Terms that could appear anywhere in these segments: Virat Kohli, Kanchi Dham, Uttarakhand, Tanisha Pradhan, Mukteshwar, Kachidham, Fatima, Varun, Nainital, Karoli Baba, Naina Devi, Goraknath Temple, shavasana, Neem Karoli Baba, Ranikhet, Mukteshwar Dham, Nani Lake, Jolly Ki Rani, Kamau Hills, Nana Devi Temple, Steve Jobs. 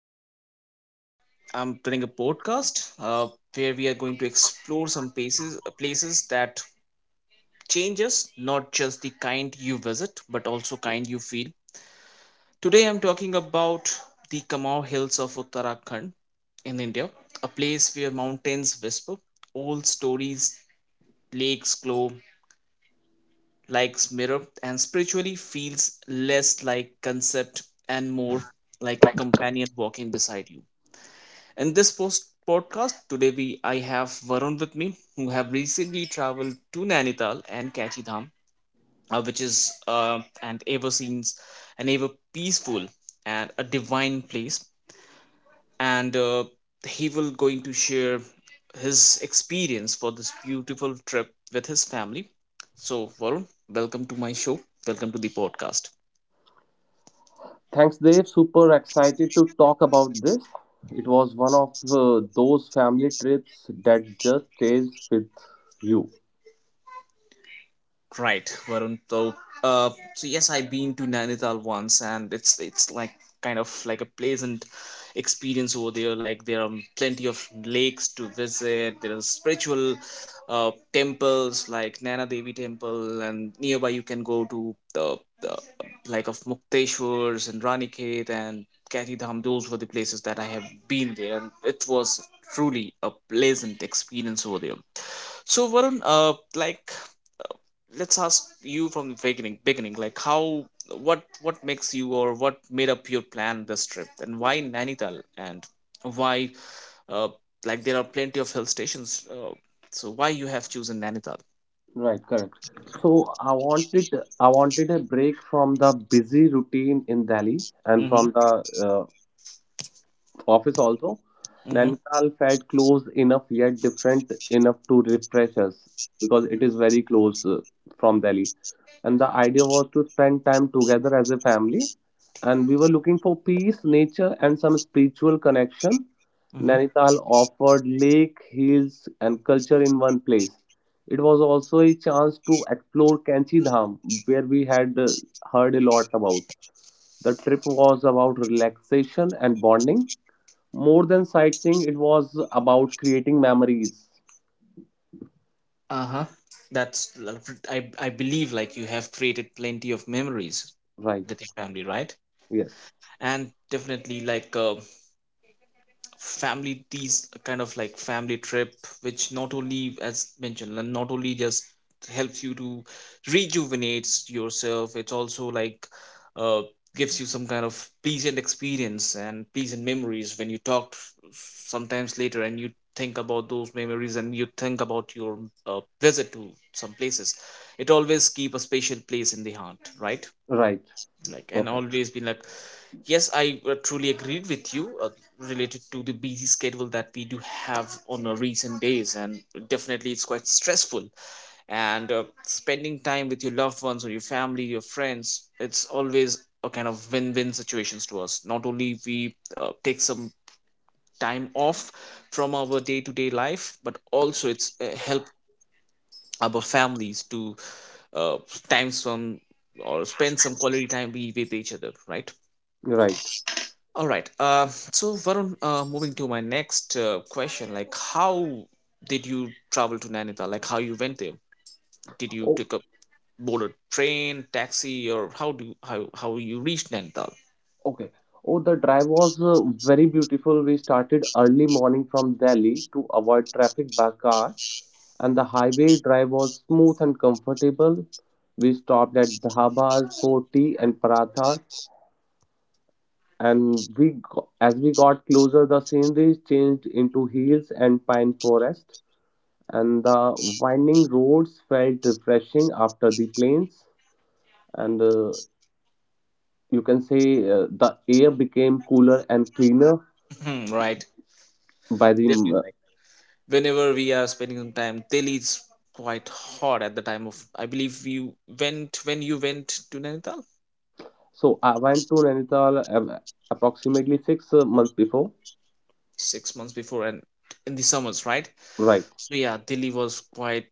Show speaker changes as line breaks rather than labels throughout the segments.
Today, I'm doing a podcast where we are going to explore some places places that change us, not just the kind you visit, but also kind you feel. Today, I'm talking about the Kamau Hills of Uttarakhand in India, a place where mountains whisper, old stories, lakes glow, likes mirror, and spiritually feels less like concept and more like a companion walking beside you. In this post podcast today we I have Varun with me, who have recently traveled to Nainital and Kachidham, which is and ever since an ever peaceful and a divine place, and he will going to share his experience for this beautiful trip with his family. So Varun, welcome to my show. Welcome to the podcast.
Thanks, Dave. Super excited to talk about this. It was one of those family trips that just stays with you.
Right, Varun. So, yes, I've been to Nainital once, and it's like kind of like a pleasant experience over there. Like there are plenty of lakes to visit. There are spiritual temples like Nana Devi Temple, and nearby you can go to the like of Mukteshwars and Ranikhet and Kati Dham. Those were the places that I have been there, and it was truly a pleasant experience over there. So Varun, like let's ask you from the beginning beginning like how what makes you or what made up your plan this trip, and why Nainital, and why uh, like there are plenty of hill stations, so why you have chosen Nainital?
Right, correct. So I wanted a break from the busy routine in Delhi and
Mm-hmm.
from the uh, office also.
Mm-hmm.
Nainital felt close enough yet different enough to refresh us because it is very close from Delhi. And the idea was to spend time together as a family. And we were looking for peace, nature, and some spiritual connection.
Mm-hmm.
Nainital offered lake, hills, and culture in one place. It was also a chance to explore Kanchi Dham, where we had heard a lot about. The trip was about relaxation and bonding more than sightseeing; it was about creating memories.
Uh-huh. that's l- I believe like you have created plenty of memories
Right.
with your family, right?
Yes.
And definitely like family, these kind of like family trip, which not only as mentioned and not only just helps you to rejuvenates yourself, it's also like uh gives you some kind of pleasant experience and pleasant memories, when you talk sometimes later and you think about those memories and you think about your visit to some places, it always keep a special place in the heart, right?
Right.
Like and
Perfect.
always been like. Yes, I truly agreed with you related to the busy schedule that we do have on our recent days, and definitely it's quite stressful. And spending time with your loved ones or your family, your friends, it's always a kind of win-win situations to us. Not only we take some time off from our day-to-day life, but also it's help our families to uh, time some or spend some quality time be with each other, right?
Right.
All right. So Varun, moving to my next question, like how did you travel to Nainital? Like how you went there? Did you
Oh,
take a boarded train, taxi, or how do how you reached Nainital?
okay. Oh, the drive was very beautiful. We started early morning from Delhi to avoid traffic by car, and the highway drive was smooth and comfortable. We stopped at dhabas for tea and paratha, and as we got closer, the scenery changed into hills and pine forest. And the winding roads felt refreshing after the plains, and you can say the air became cooler and cleaner
Mhm, right.
by the
Definitely.
m-
Like, whenever we are spending some time, Delhi is quite hot at the time of. I believe you went when you went to Nainital
so I went to Nainital approximately 6 months before.
6 months before and in the summers, right?
Right,
So yeah, Delhi was quite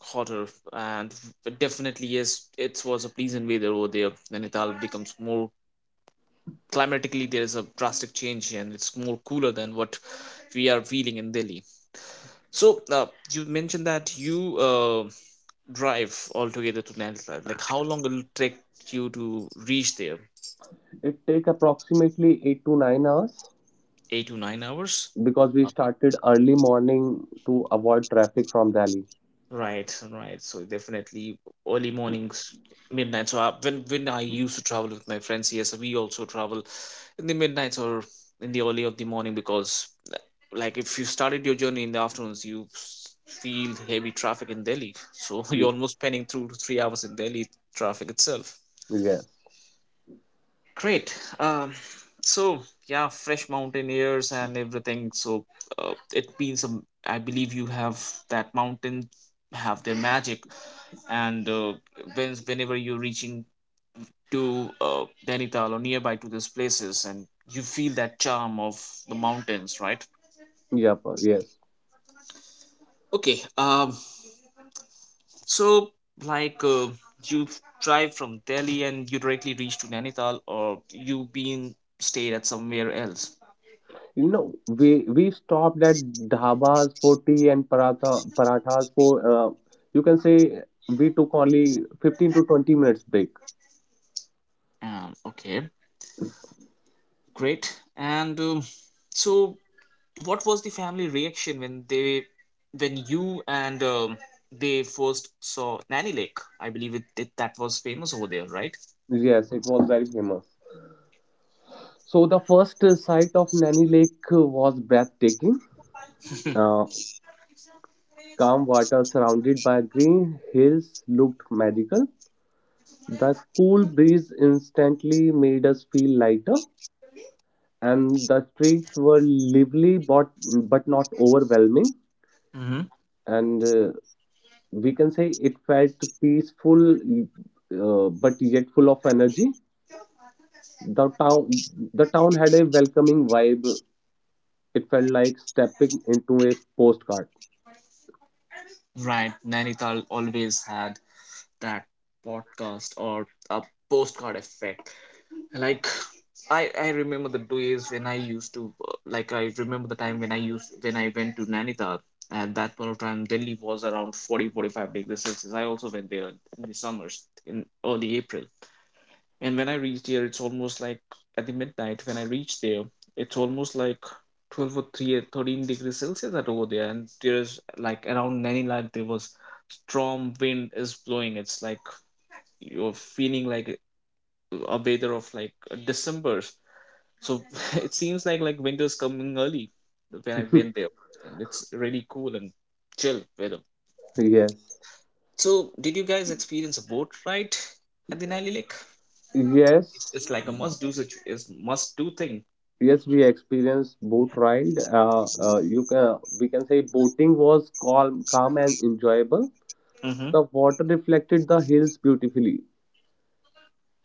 hotter, and it definitely yes, it was a pleasant weather over there. Nainital becomes more climatically there is a drastic change, and it's more cooler than what we are feeling in Delhi. So you mentioned that you drive altogether to Nainital. Like how long will it take you to reach there?
it take approximately 8 to 9 hours
8 to 9 hours.
because we started early morning to avoid traffic from Delhi.
Right, right. So definitely early mornings, midnight. So when I used to travel with my friends, yes, we also travel in the midnights or in the early of the morning, because uh, like, if you started your journey in the afternoons, you feel heavy traffic in Delhi. So you're
Mm.
almost spending 2 to 3 hours in Delhi traffic itself.
Yes.
Great. So yeah, fresh mountain airs and everything. So it means I believe you have that mountain have their magic, and whenever you're reaching to Nainital or nearby to these places, and you feel that charm of the mountains, right?
Yep. Yes.
Okay, so like you drive from Delhi and you directly reach to Nainital, or you been stayed at somewhere else.
You know, we stopped at dhabas for tea and parathas for you can say we took only 15 to 20 minutes break.
Okay, great. And so what was the family reaction when you and they first saw nanny lake, I believe it that was famous over there, right?
Yes, it was very famous. So the first sight of Nani Lake was breathtaking. Uh, calm water surrounded by green hills looked magical. The cool breeze instantly made us feel lighter, and the streets were lively but not overwhelming.
Hmm.
And we can say it felt peaceful but yet full of energy. The town the town had a welcoming vibe. It felt like stepping into a postcard.
Right, Nainital always had that podcast or a postcard effect. Like I remember the days when I used to, like, I remember the time when I used when I went to Nainital. At that point of time Delhi was around 40-45 degrees Celsius. I also went there in the summers in early April. And when I reach there, it's almost like at the midnight. When I reach there, it's almost like 12 or 13 degrees Celsius at over there. And there's like around 90, like there was strong wind is blowing. It's like you're feeling like a weather of like December. So it seems like winter's coming early when I went there. And it's really cool and chill weather.
Yes.
So did you guys experience a boat ride at the Nile Lake?
Yes.
It's like a must do it's must do thing.
Yes, we experienced boat ride. Uh, uh, you can we can say boating was calm and enjoyable.
Mm-hmm.
The water reflected the hills beautifully.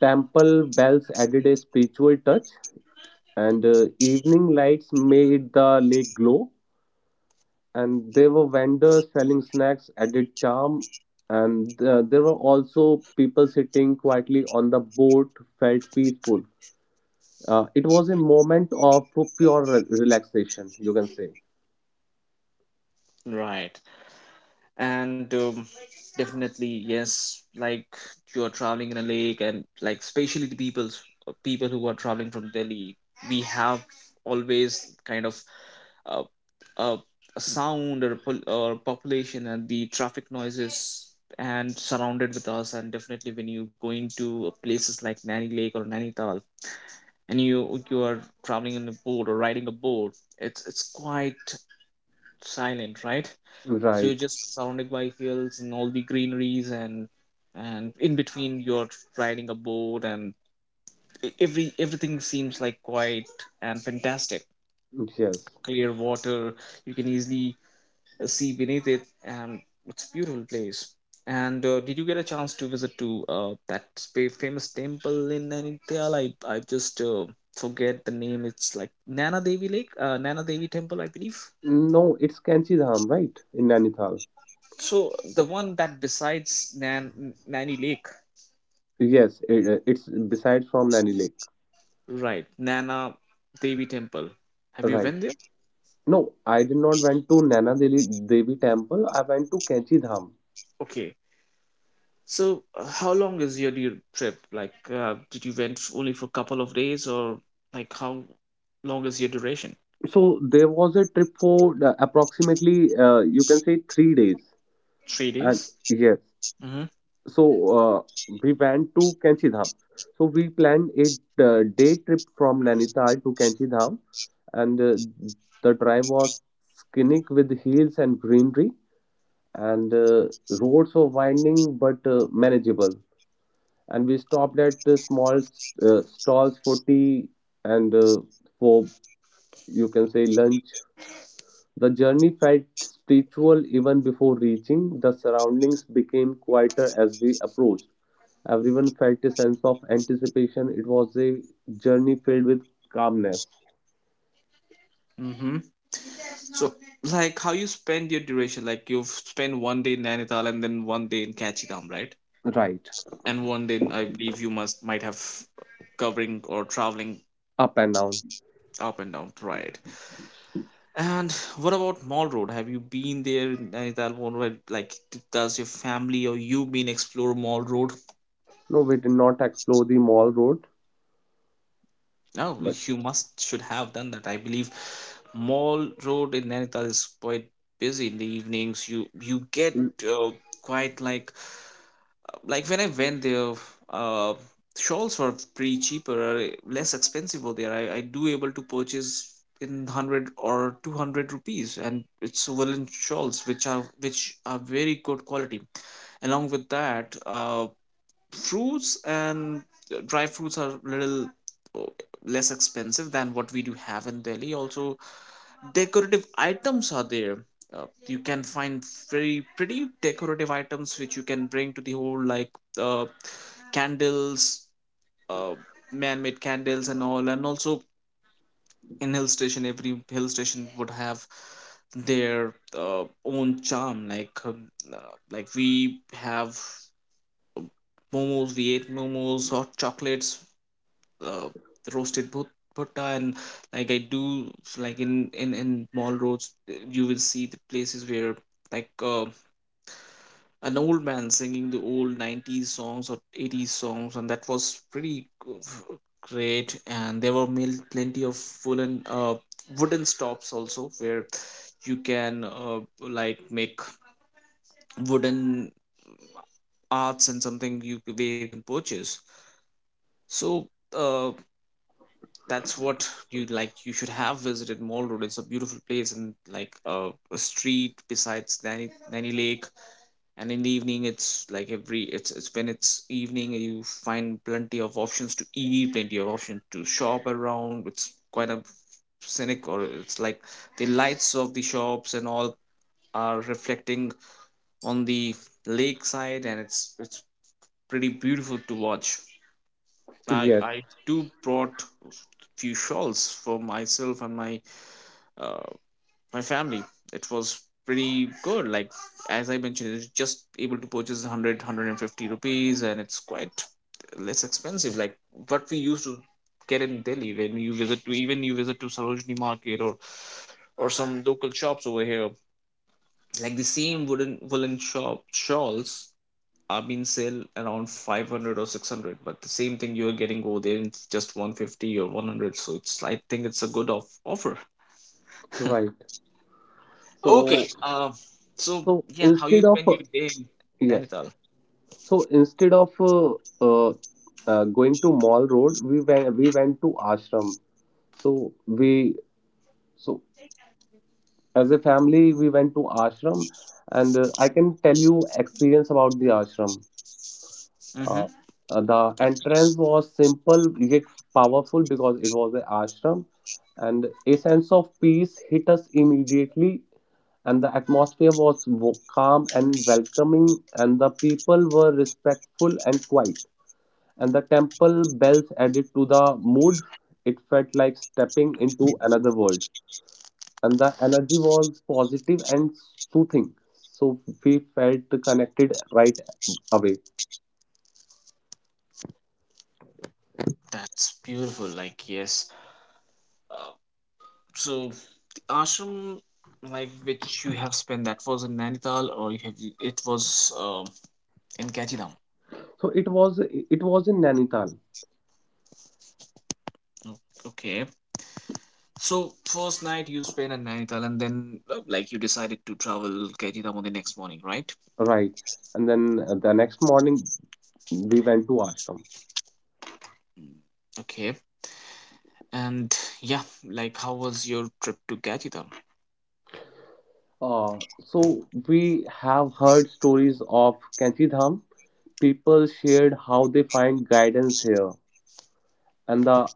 Temple bells added a spiritual touch, and evening lights made the lake glow. And there were vendors selling snacks added charm. And there were also people sitting quietly on the boat. Felt peaceful. It was a moment of relaxation, you can say.
Right. And definitely, yes, like you're traveling in a lake, and like especially the people's people who are traveling from Delhi, we have always kind of uh, a, a sound or, a population and the traffic noises and surrounded with us. And definitely, when you going to places like Nani Lake or Nainital, and you are traveling in a boat or riding a boat, it's quite silent, right? So you're
Right.
just surrounded by hills and all the greeneries, and in between you're riding a boat, and everything seems like quiet and fantastic.
Yes.
Clear water, you can easily see beneath it, and it's a beautiful place. And did you get a chance to visit to that famous temple in Nainital? I just forget the name. It's like Nana Devi Lake, Nana Devi Temple, I believe.
No, it's Kanchi Dham, right, in Nainital.
So the one that besides Nani Lake,
Yes, it's besides from Nani Lake.
right, Nana Devi Temple. Have you
Right.
been there?
No, I did not went to Naina Devi, Devi Temple. I went to Kanchi Dham.
Okay. So, how long is your dear trip? Like, did you went only for a couple of days, or like how long is your duration?
So there was a trip for approximately you can say 3 days.
Three
And
days.
yes.
Mm-hmm.
So uh, we went to Kanchi Dham. So we planned a day trip from Nainital to Kanchi Dham. And the drive was scenic with hills and greenery. And roads were winding but manageable. And we stopped at small stalls for tea and for you can say lunch. The journey felt spiritual even before reaching. The surroundings became quieter as we approached. Everyone felt a sense of anticipation. It was a journey filled with calmness.
Mm-hmm. So, like, how you spend your duration? Like, you've spent one day in Nainital and then one day in Kachidham, right?
Right.
And one day, I believe you must might have covering or traveling
Up and down.
up and down, right? And what about Mall Road? Have you been there in Nainital? Mall Road? Like, does your family or you been explore Mall Road?
No, we did not explore the Mall Road,
No,
but
you must should have done that. I believe Mall Road in Nainital is quite busy in the evenings. You get uh, quite like when I went there, uh, shawls were pretty cheaper, less expensive over there. I do able to purchase in 100 or 200 rupees, and it's woolen shawls which are very good quality. Along with that, fruits and dry fruits are little uh, less expensive than what we do have in Delhi. Also, decorative items are there. You can find very pretty decorative items which you can bring to the whole, like uh, candles, uh, man-made candles and all, and also in hill station, every hill station would have their own charm. Uh, like we have uh, momos, we ate momos, hot chocolates, uh, roasted bhutta, and like I do like in mall roads, you will see the places where like. An old man singing the old 90s songs or 80s songs, and that was pretty great, and there were plenty of wooden wooden stops also, where you can like make wooden arts and something you where you can purchase. So uh, that's what you like you should have visited Mall Road. It's a beautiful place, and like a street besides nanny lake, and in the evening, it's like every it's when it's evening, you find plenty of options to eat, plenty of options to shop around. It's quite a scenic, or it's like the lights of the shops and all are reflecting on the lakeside, and it's pretty beautiful to watch. i
yes.
i do brought few shawls for myself and my uh, my family. It was pretty good. Like as I mentioned, it's just able to purchase 100, rupees, and it's quite less expensive. Like what we used to get in Delhi, when you visit to even you visit to Sarojini Market, or some local shops over here. Like the same wooden woolen shop shawls are being sell around 500 or 600, but the same thing you are getting over there in just 150 or 100. So it's I think it's a good offer.
Right.
Okay.
So,
So
so
yeah, how you
instead of
spend your day in
yes,
Nainital?
so instead of uh, going to Mall Road, we went to ashram. So we, so as a family, we went to ashram, and I can tell you experience about the ashram.
Mm-hmm.
Uh, the
Yep.
entrance was simple yet powerful because it was an ashram, and a sense of peace hit us immediately. And the atmosphere was calm and welcoming, and the people were respectful and quiet. And the temple bells added to the mood. It felt like stepping into another world, and the energy was positive and soothing, so we felt connected right away.
That's beautiful. Like yes. Uh, so the ashram, like which you have spent, that was in Nainital, or you have it was in Gachidham.
So it was, it was in Nainital.
O- Okay. So first night you spent in Nainital, and then like you decided to travel Gachidham on the next morning, right?
Right. And then the next morning we went to ashram.
Mm, okay. And yeah, like how was your trip to Gachidham?
So we have heard stories of Kanchi Dham. People shared how they find guidance here, and the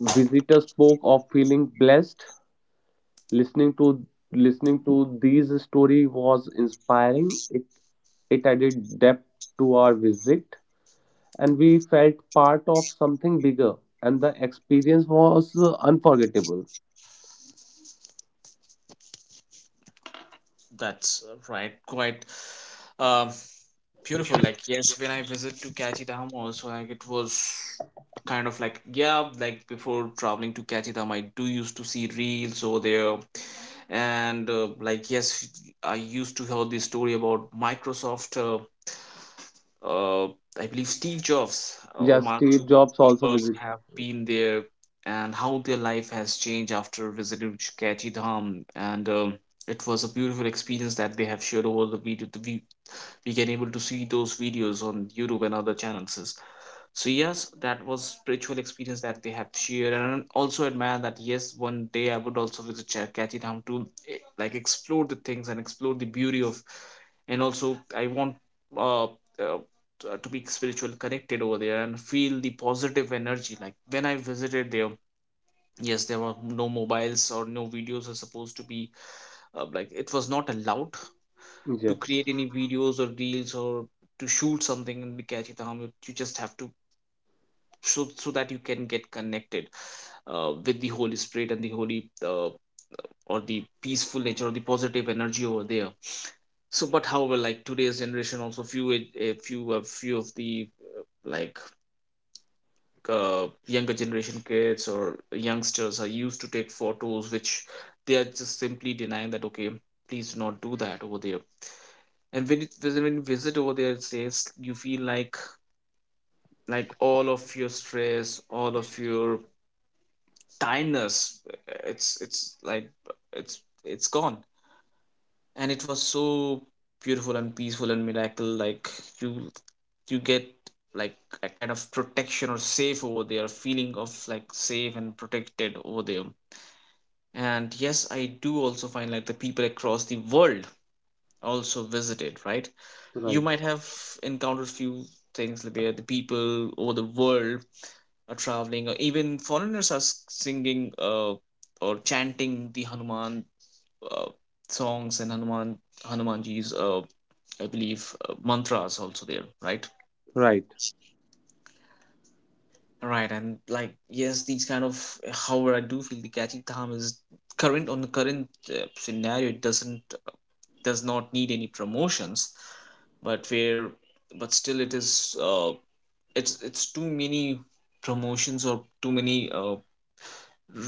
visitors spoke of feeling blessed. Listening to listening to these story was inspiring. It added depth to our visit, and we felt part of something bigger. And the experience was unforgettable.
That's right. Quite um, beautiful. Like yes, when I visit to Kachi Dham also, like it was kind of like yeah, like before traveling to Kachi Dham, I do used to see reels over there, and like yes, I used to hear the story about Microsoft. Uh, I believe Steve Jobs or
Yes,
Mark
Steve Jobs also
Zuckerberg
visited.
have been there, and how their life has changed after visiting Kachi Dham. And it was a beautiful experience that they have shared over the video. We can able to see those videos on YouTube and other channels. So yes, that was spiritual experience that they have shared, and I also admire that. Yes, one day I would also visit Cherkachi town to like explore the things and explore the beauty of, and also I want uh, uh, to be spiritually connected over there and feel the positive energy, like when I visited there. Yes, there were no mobiles or no videos are supposed to be, like it was not allowed to
Yes.
create any videos or reels or to shoot something in the Kachitam. You just have to, so that you can get connected with the holy spirit and the holy, or the peaceful nature or the positive energy over there. So, but however, like today's generation also, few a few of the, like, younger generation kids or youngsters are used to take photos, which they are just simply denying that. Okay, please do not do that over there. And when it when you visit over there, it says, you feel like, all of your stress, all of your tiredness, it's like it's gone, and it was so beautiful and peaceful and miracle, like you you get like a kind of protection or safe over there, feeling of like safe and protected over there. And yes, I do also find like the people across the world also visited, right? You might
Right.
have encountered few things, like, where the people over the world are traveling, or even foreigners are singing or chanting the hanuman uh, songs, and hanuman hanumanji's, I believe, mantras also there, right?
Right.
Right. And like yes, these kind of, however, I do feel the catchy dham is current on the current scenario, it does not need any promotions, but where, but still it is, uh, it's too many promotions or too many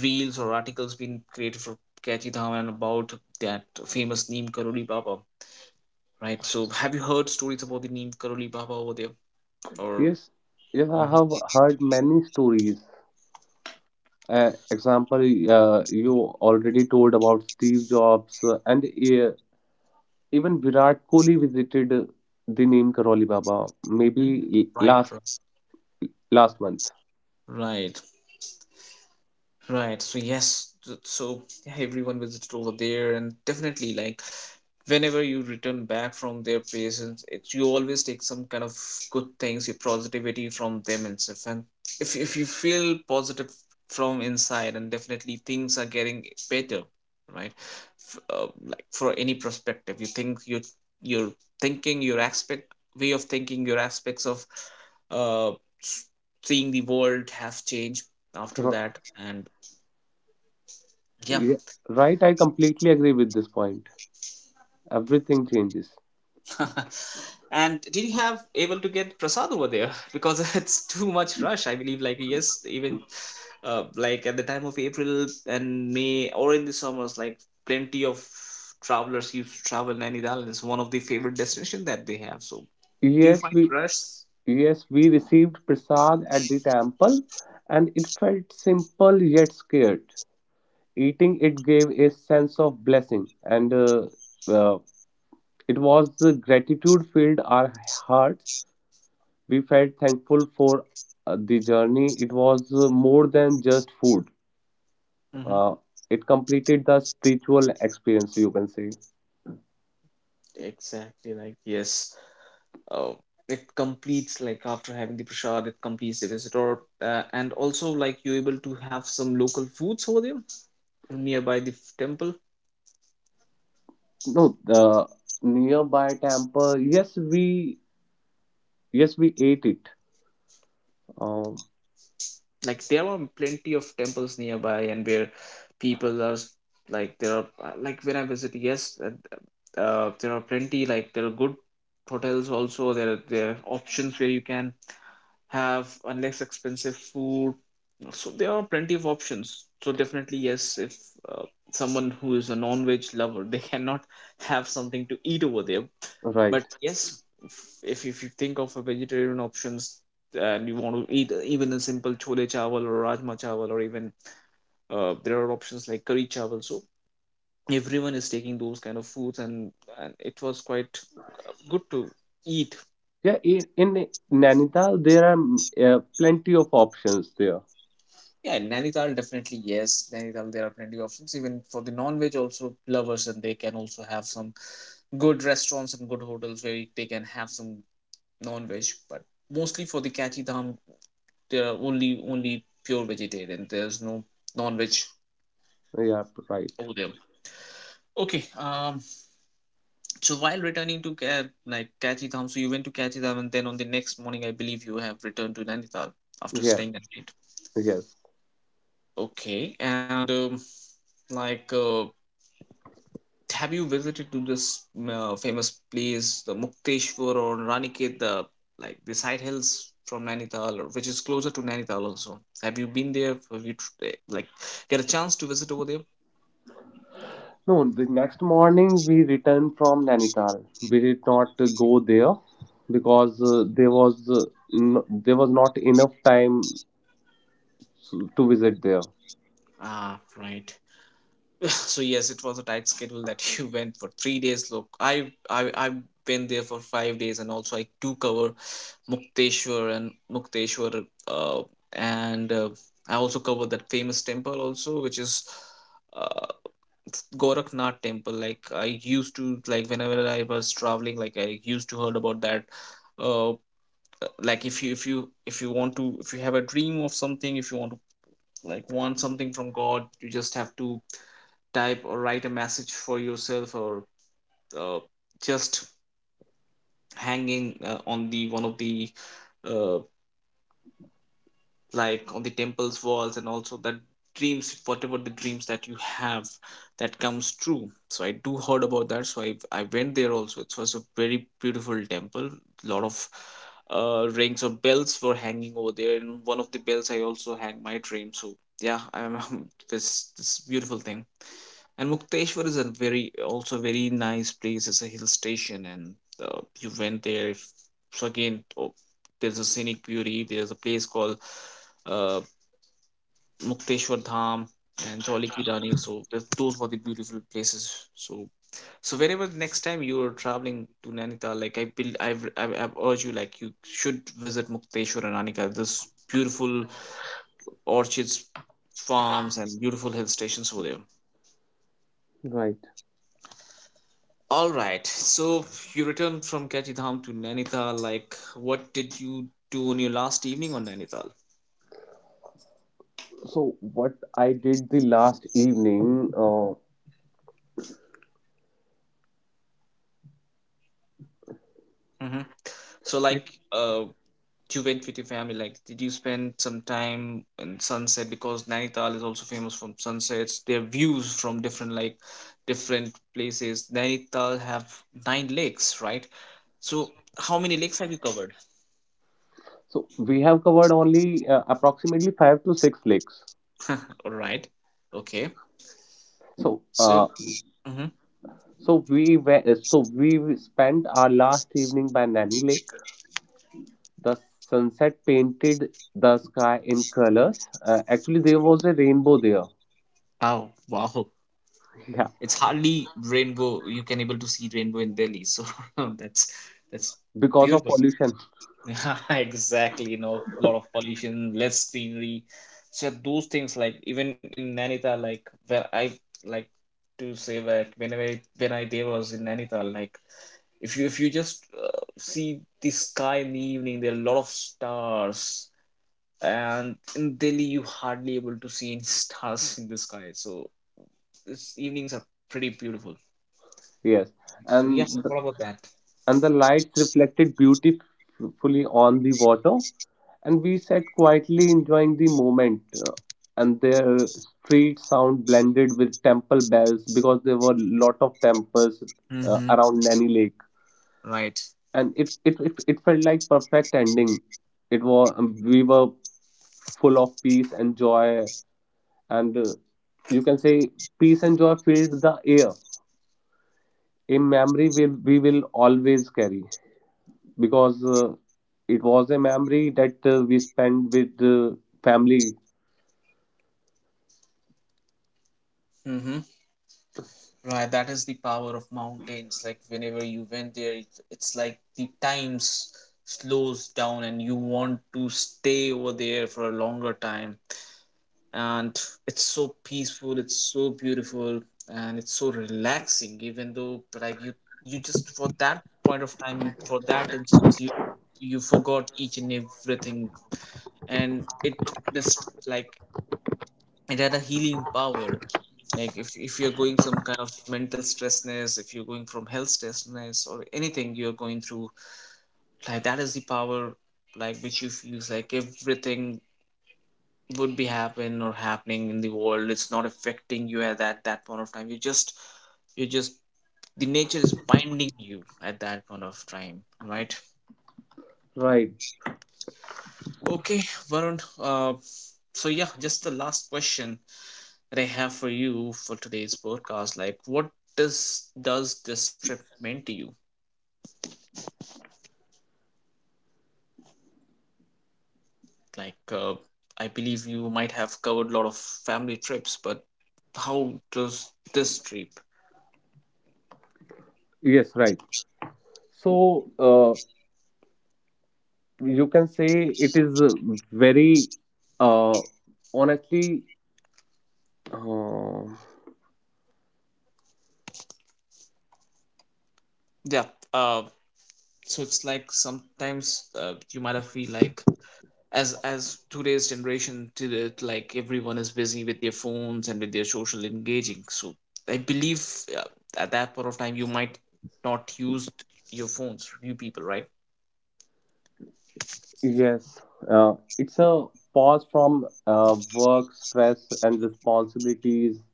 reels or articles been created for Kachi Dhawan about that famous Neem Karoli Baba, right? So, have you heard stories about the Neem Karoli Baba over there? Or...
Yes. Yes, I
Mhm.
have heard many stories. Example, you already told about Steve Jobs, and even Virat Kohli visited the name Karoli Baba, maybe
Mhm. Right,
last
right,
last month.
right. Right. So yes. So yeah, everyone visited over there, and definitely like whenever you return back from their places, it's you always take some kind of good things, your positivity from them and stuff. And if you feel positive from inside, and definitely things are getting better, right? Like, for any perspective, you think you, you're thinking your aspect, way of thinking your aspects of uh s- seeing the world have changed after
Ro-
that, and yeah.
yeah, right, I completely agree with this point. Everything changes.
And did you have able to get prasad over there? Because it's too much rush, I believe. Like yes, even like at the time of April and May or in the summers, like plenty of travelers used to travel Nainidal. It's one of the favorite destination that they have. So do you
Yes,
find
we
rush?
yes, we received prasad at the temple, and it felt simple yet scared. Eating it gave a sense of blessing, and uh, it was the gratitude filled our hearts. We felt thankful for the journey. It was more than just food.
Mm-hmm.
Uh, it completed the spiritual experience, you can say.
Exactly. Like yes. Uh, it completes, like after having the prasad, it completes the visitor, and also like you able to have some local foods over there nearby the temple.
No, the nearby temple. Yes, we ate it. Um,
Like, there are plenty of temples nearby, and where people are like, there are like when I visit, yes, there are plenty, like there are good hotels also, there are options where you can have unless expensive food. So there are plenty of options. So definitely yes, if uh, someone who is a non-veg lover, they cannot have something to eat over there.
right.
But yes, if you think of a vegetarian options, and you want to eat even a simple chole chawal or rajma chawal, or even there are options like curry chawal, so everyone is taking those kind of foods, and it was quite good to eat.
Yeah, in Nainital there are plenty of options there.
Yeah, in nainital, definitely yes, nainital there are plenty of options even for the non-veg also lovers, and they can also have some good restaurants and good hotels where they can have some non-veg, but mostly for the Kati Dham, there are only pure vegetarian. There's no non-veg
Yeah, right.
over there. Okay. So while returning to like Kachidham, so you went to Kachidham, and then on the next morning, I believe you have returned to Nainital after
Yeah,
staying that night.
yes.
Okay. And like, have you visited to this famous place, the Mukteshwar or Raniket, the, like the side hills from Nainital, which is closer to Nainital also? Have you been there? Have you like get a chance to visit over there?
No, the next morning we returned from Nainital. We did not go there because there was no, there was not enough time to visit there.
Ah, right. So yes, it was a tight schedule that you went for 3 days. Look, I went there for 5 days, and also I do cover mukteshwar, uh, and I also covered that famous temple also, which is uh, goraknath temple. Like, I used to, like whenever I was traveling, like I used to heard about that, uh, like if you want to, if you have a dream of something, if you want to, like, want something from god, you just have to type or write a message for yourself, or uh, just hanging on the one of the, uh, like on the temple's walls, and also that dreams, whatever the dreams that you have, that comes true, so I do heard about that. So I went there also, it was a very beautiful temple. Lot of rings or bells were hanging over there, and one of the bells I also hang my dream. So yeah, I'm this beautiful thing. And Mukteshwar is a very also very nice place. It's a hill station, and you went there. If, So again, oh, there's a scenic beauty. There's a place called uh, Mukteshwar Dham and Jolly Ki Rani. So those were the beautiful places. So, wherever next time you are traveling to Nainital, like I build, I've urged you, like you should visit Mukteshwar and Nainital. This beautiful orchards, farms, and beautiful hill stations over there.
Right.
All right. So you returned from Kachidham to Nainital. Like, what did you do on your last evening on Nainital?
So what I did the last evening,
Hmm. So, like, you went with your family. Like, did you spend some time in sunset? Because Nainital is also famous from sunsets. Their views from different, like, different places. Nainital have nine lakes, right? So, how many lakes have you covered?
so we have covered only approximately five to six lakes.
All right. Okay.
So
So,
uh,
hmm
so so we spent our last evening by Nanny Lake. The sunset painted the sky in colors. Actually, there was a rainbow there.
oh wow,
Yeah,
it's hardly rainbow you can able to see rainbow in delhi, so that's that's
because of
beautiful.
pollution.
Exactly, lot of pollution, less greenery. So those things, like even in Nainital, like where I like to say that whenever when I there was in Nainital, like if you just see the sky in the evening, there are a lot of stars, and in delhi you hardly able to see any stars in the sky. So this evenings are pretty beautiful.
Yes,
So yes,
and
what
the,
about that?
and the lights reflected beautifully on the water, and we sat quietly enjoying the moment. And their street sound blended with temple bells because there were lot of temples
Mm-hmm.
around Nanny Lake.
Right.
And it felt like perfect ending. It was we were full of peace and joy, and you can say peace and joy filled the air. A memory will we will always carry because it was a memory that we spent with family.
Mm-hmm. Right, that is the power of mountains. Like whenever you went there, it's like the times slows down, and you want to stay over there for a longer time. And it's so peaceful. It's so beautiful, and it's so relaxing. Even though, like you just for that point of time, you for that instance, you forgot each and everything, and it just like, it had a healing power. Like if you're going some kind of mental stressness, if you're going from health stressness or anything you're going through, like that is the power, like which you feels like everything would be happen or happening in the world, it's not affecting you at that point of time, you just the nature is binding you at that point of time, right?
Right.
Okay, Varun, so yeah, just the last question that I have for you for today's podcast. Like, what does this trip mean to you? Like, I believe you might have covered a lot of family trips, but how does this trip?
Yes. Right. So you can say it is very uh, honestly. Uh,
Yeah. Uh, so it's like sometimes you might have feel like, as today's generation to the, like everyone is busy with their phones and with their social engaging. So I believe, uh, at that point of time you might not use your phones. You people, right?
Yes, it's a pause from work, stress, and responsibilities.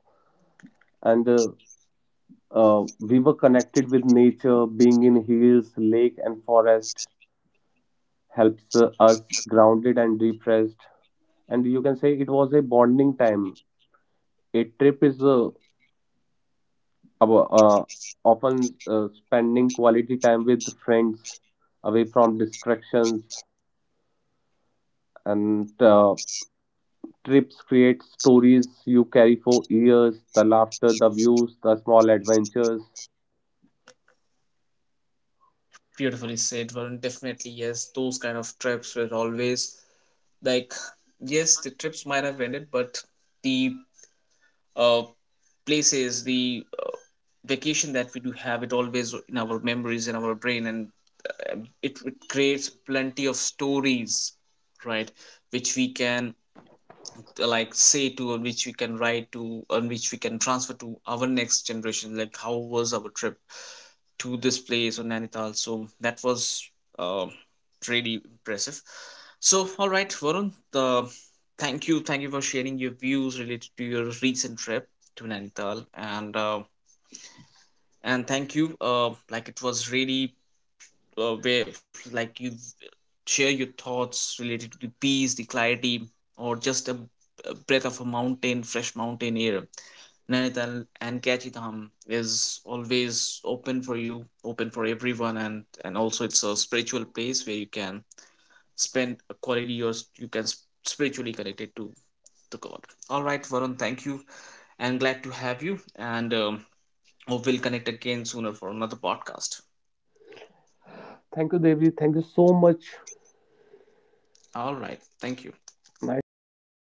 And we were connected with nature. Being in hills, lake, and forest helps us grounded and depressed. And you can say it was a bonding time. A trip is ab- uh, often spending quality time with friends away from distractions, and trips create stories you carry for years, the laughter, the views, the small adventures.
Beautifully said, Varun. Definitely, yes. Those kind of trips were always like, yes, the trips might have ended, but the, uh, places, the vacation that we do have, it always in our memories, in our brain, and it creates plenty of stories, right? Which we can like say to, on which we can write to, on which we can transfer to our next generation, like how was our trip to this place on Nainital, so that was uh, really impressive. So all right, Varun, thank you for sharing your views related to your recent trip to Nainital, and thank you. Like it was really, where, like you share your thoughts related to the peace, the clarity, or just a breath of a mountain, fresh mountain air. Nainital and Kachidham is always open for you, open for everyone, and also it's a spiritual place where you can spend a quality years, you can spiritually connected to the God. All right, Varun, thank you, and glad to have you, and hope we'll connect again sooner for another podcast.
Thank you, Devji. Thank you so much.
All right, thank you.
Nice to talk to you.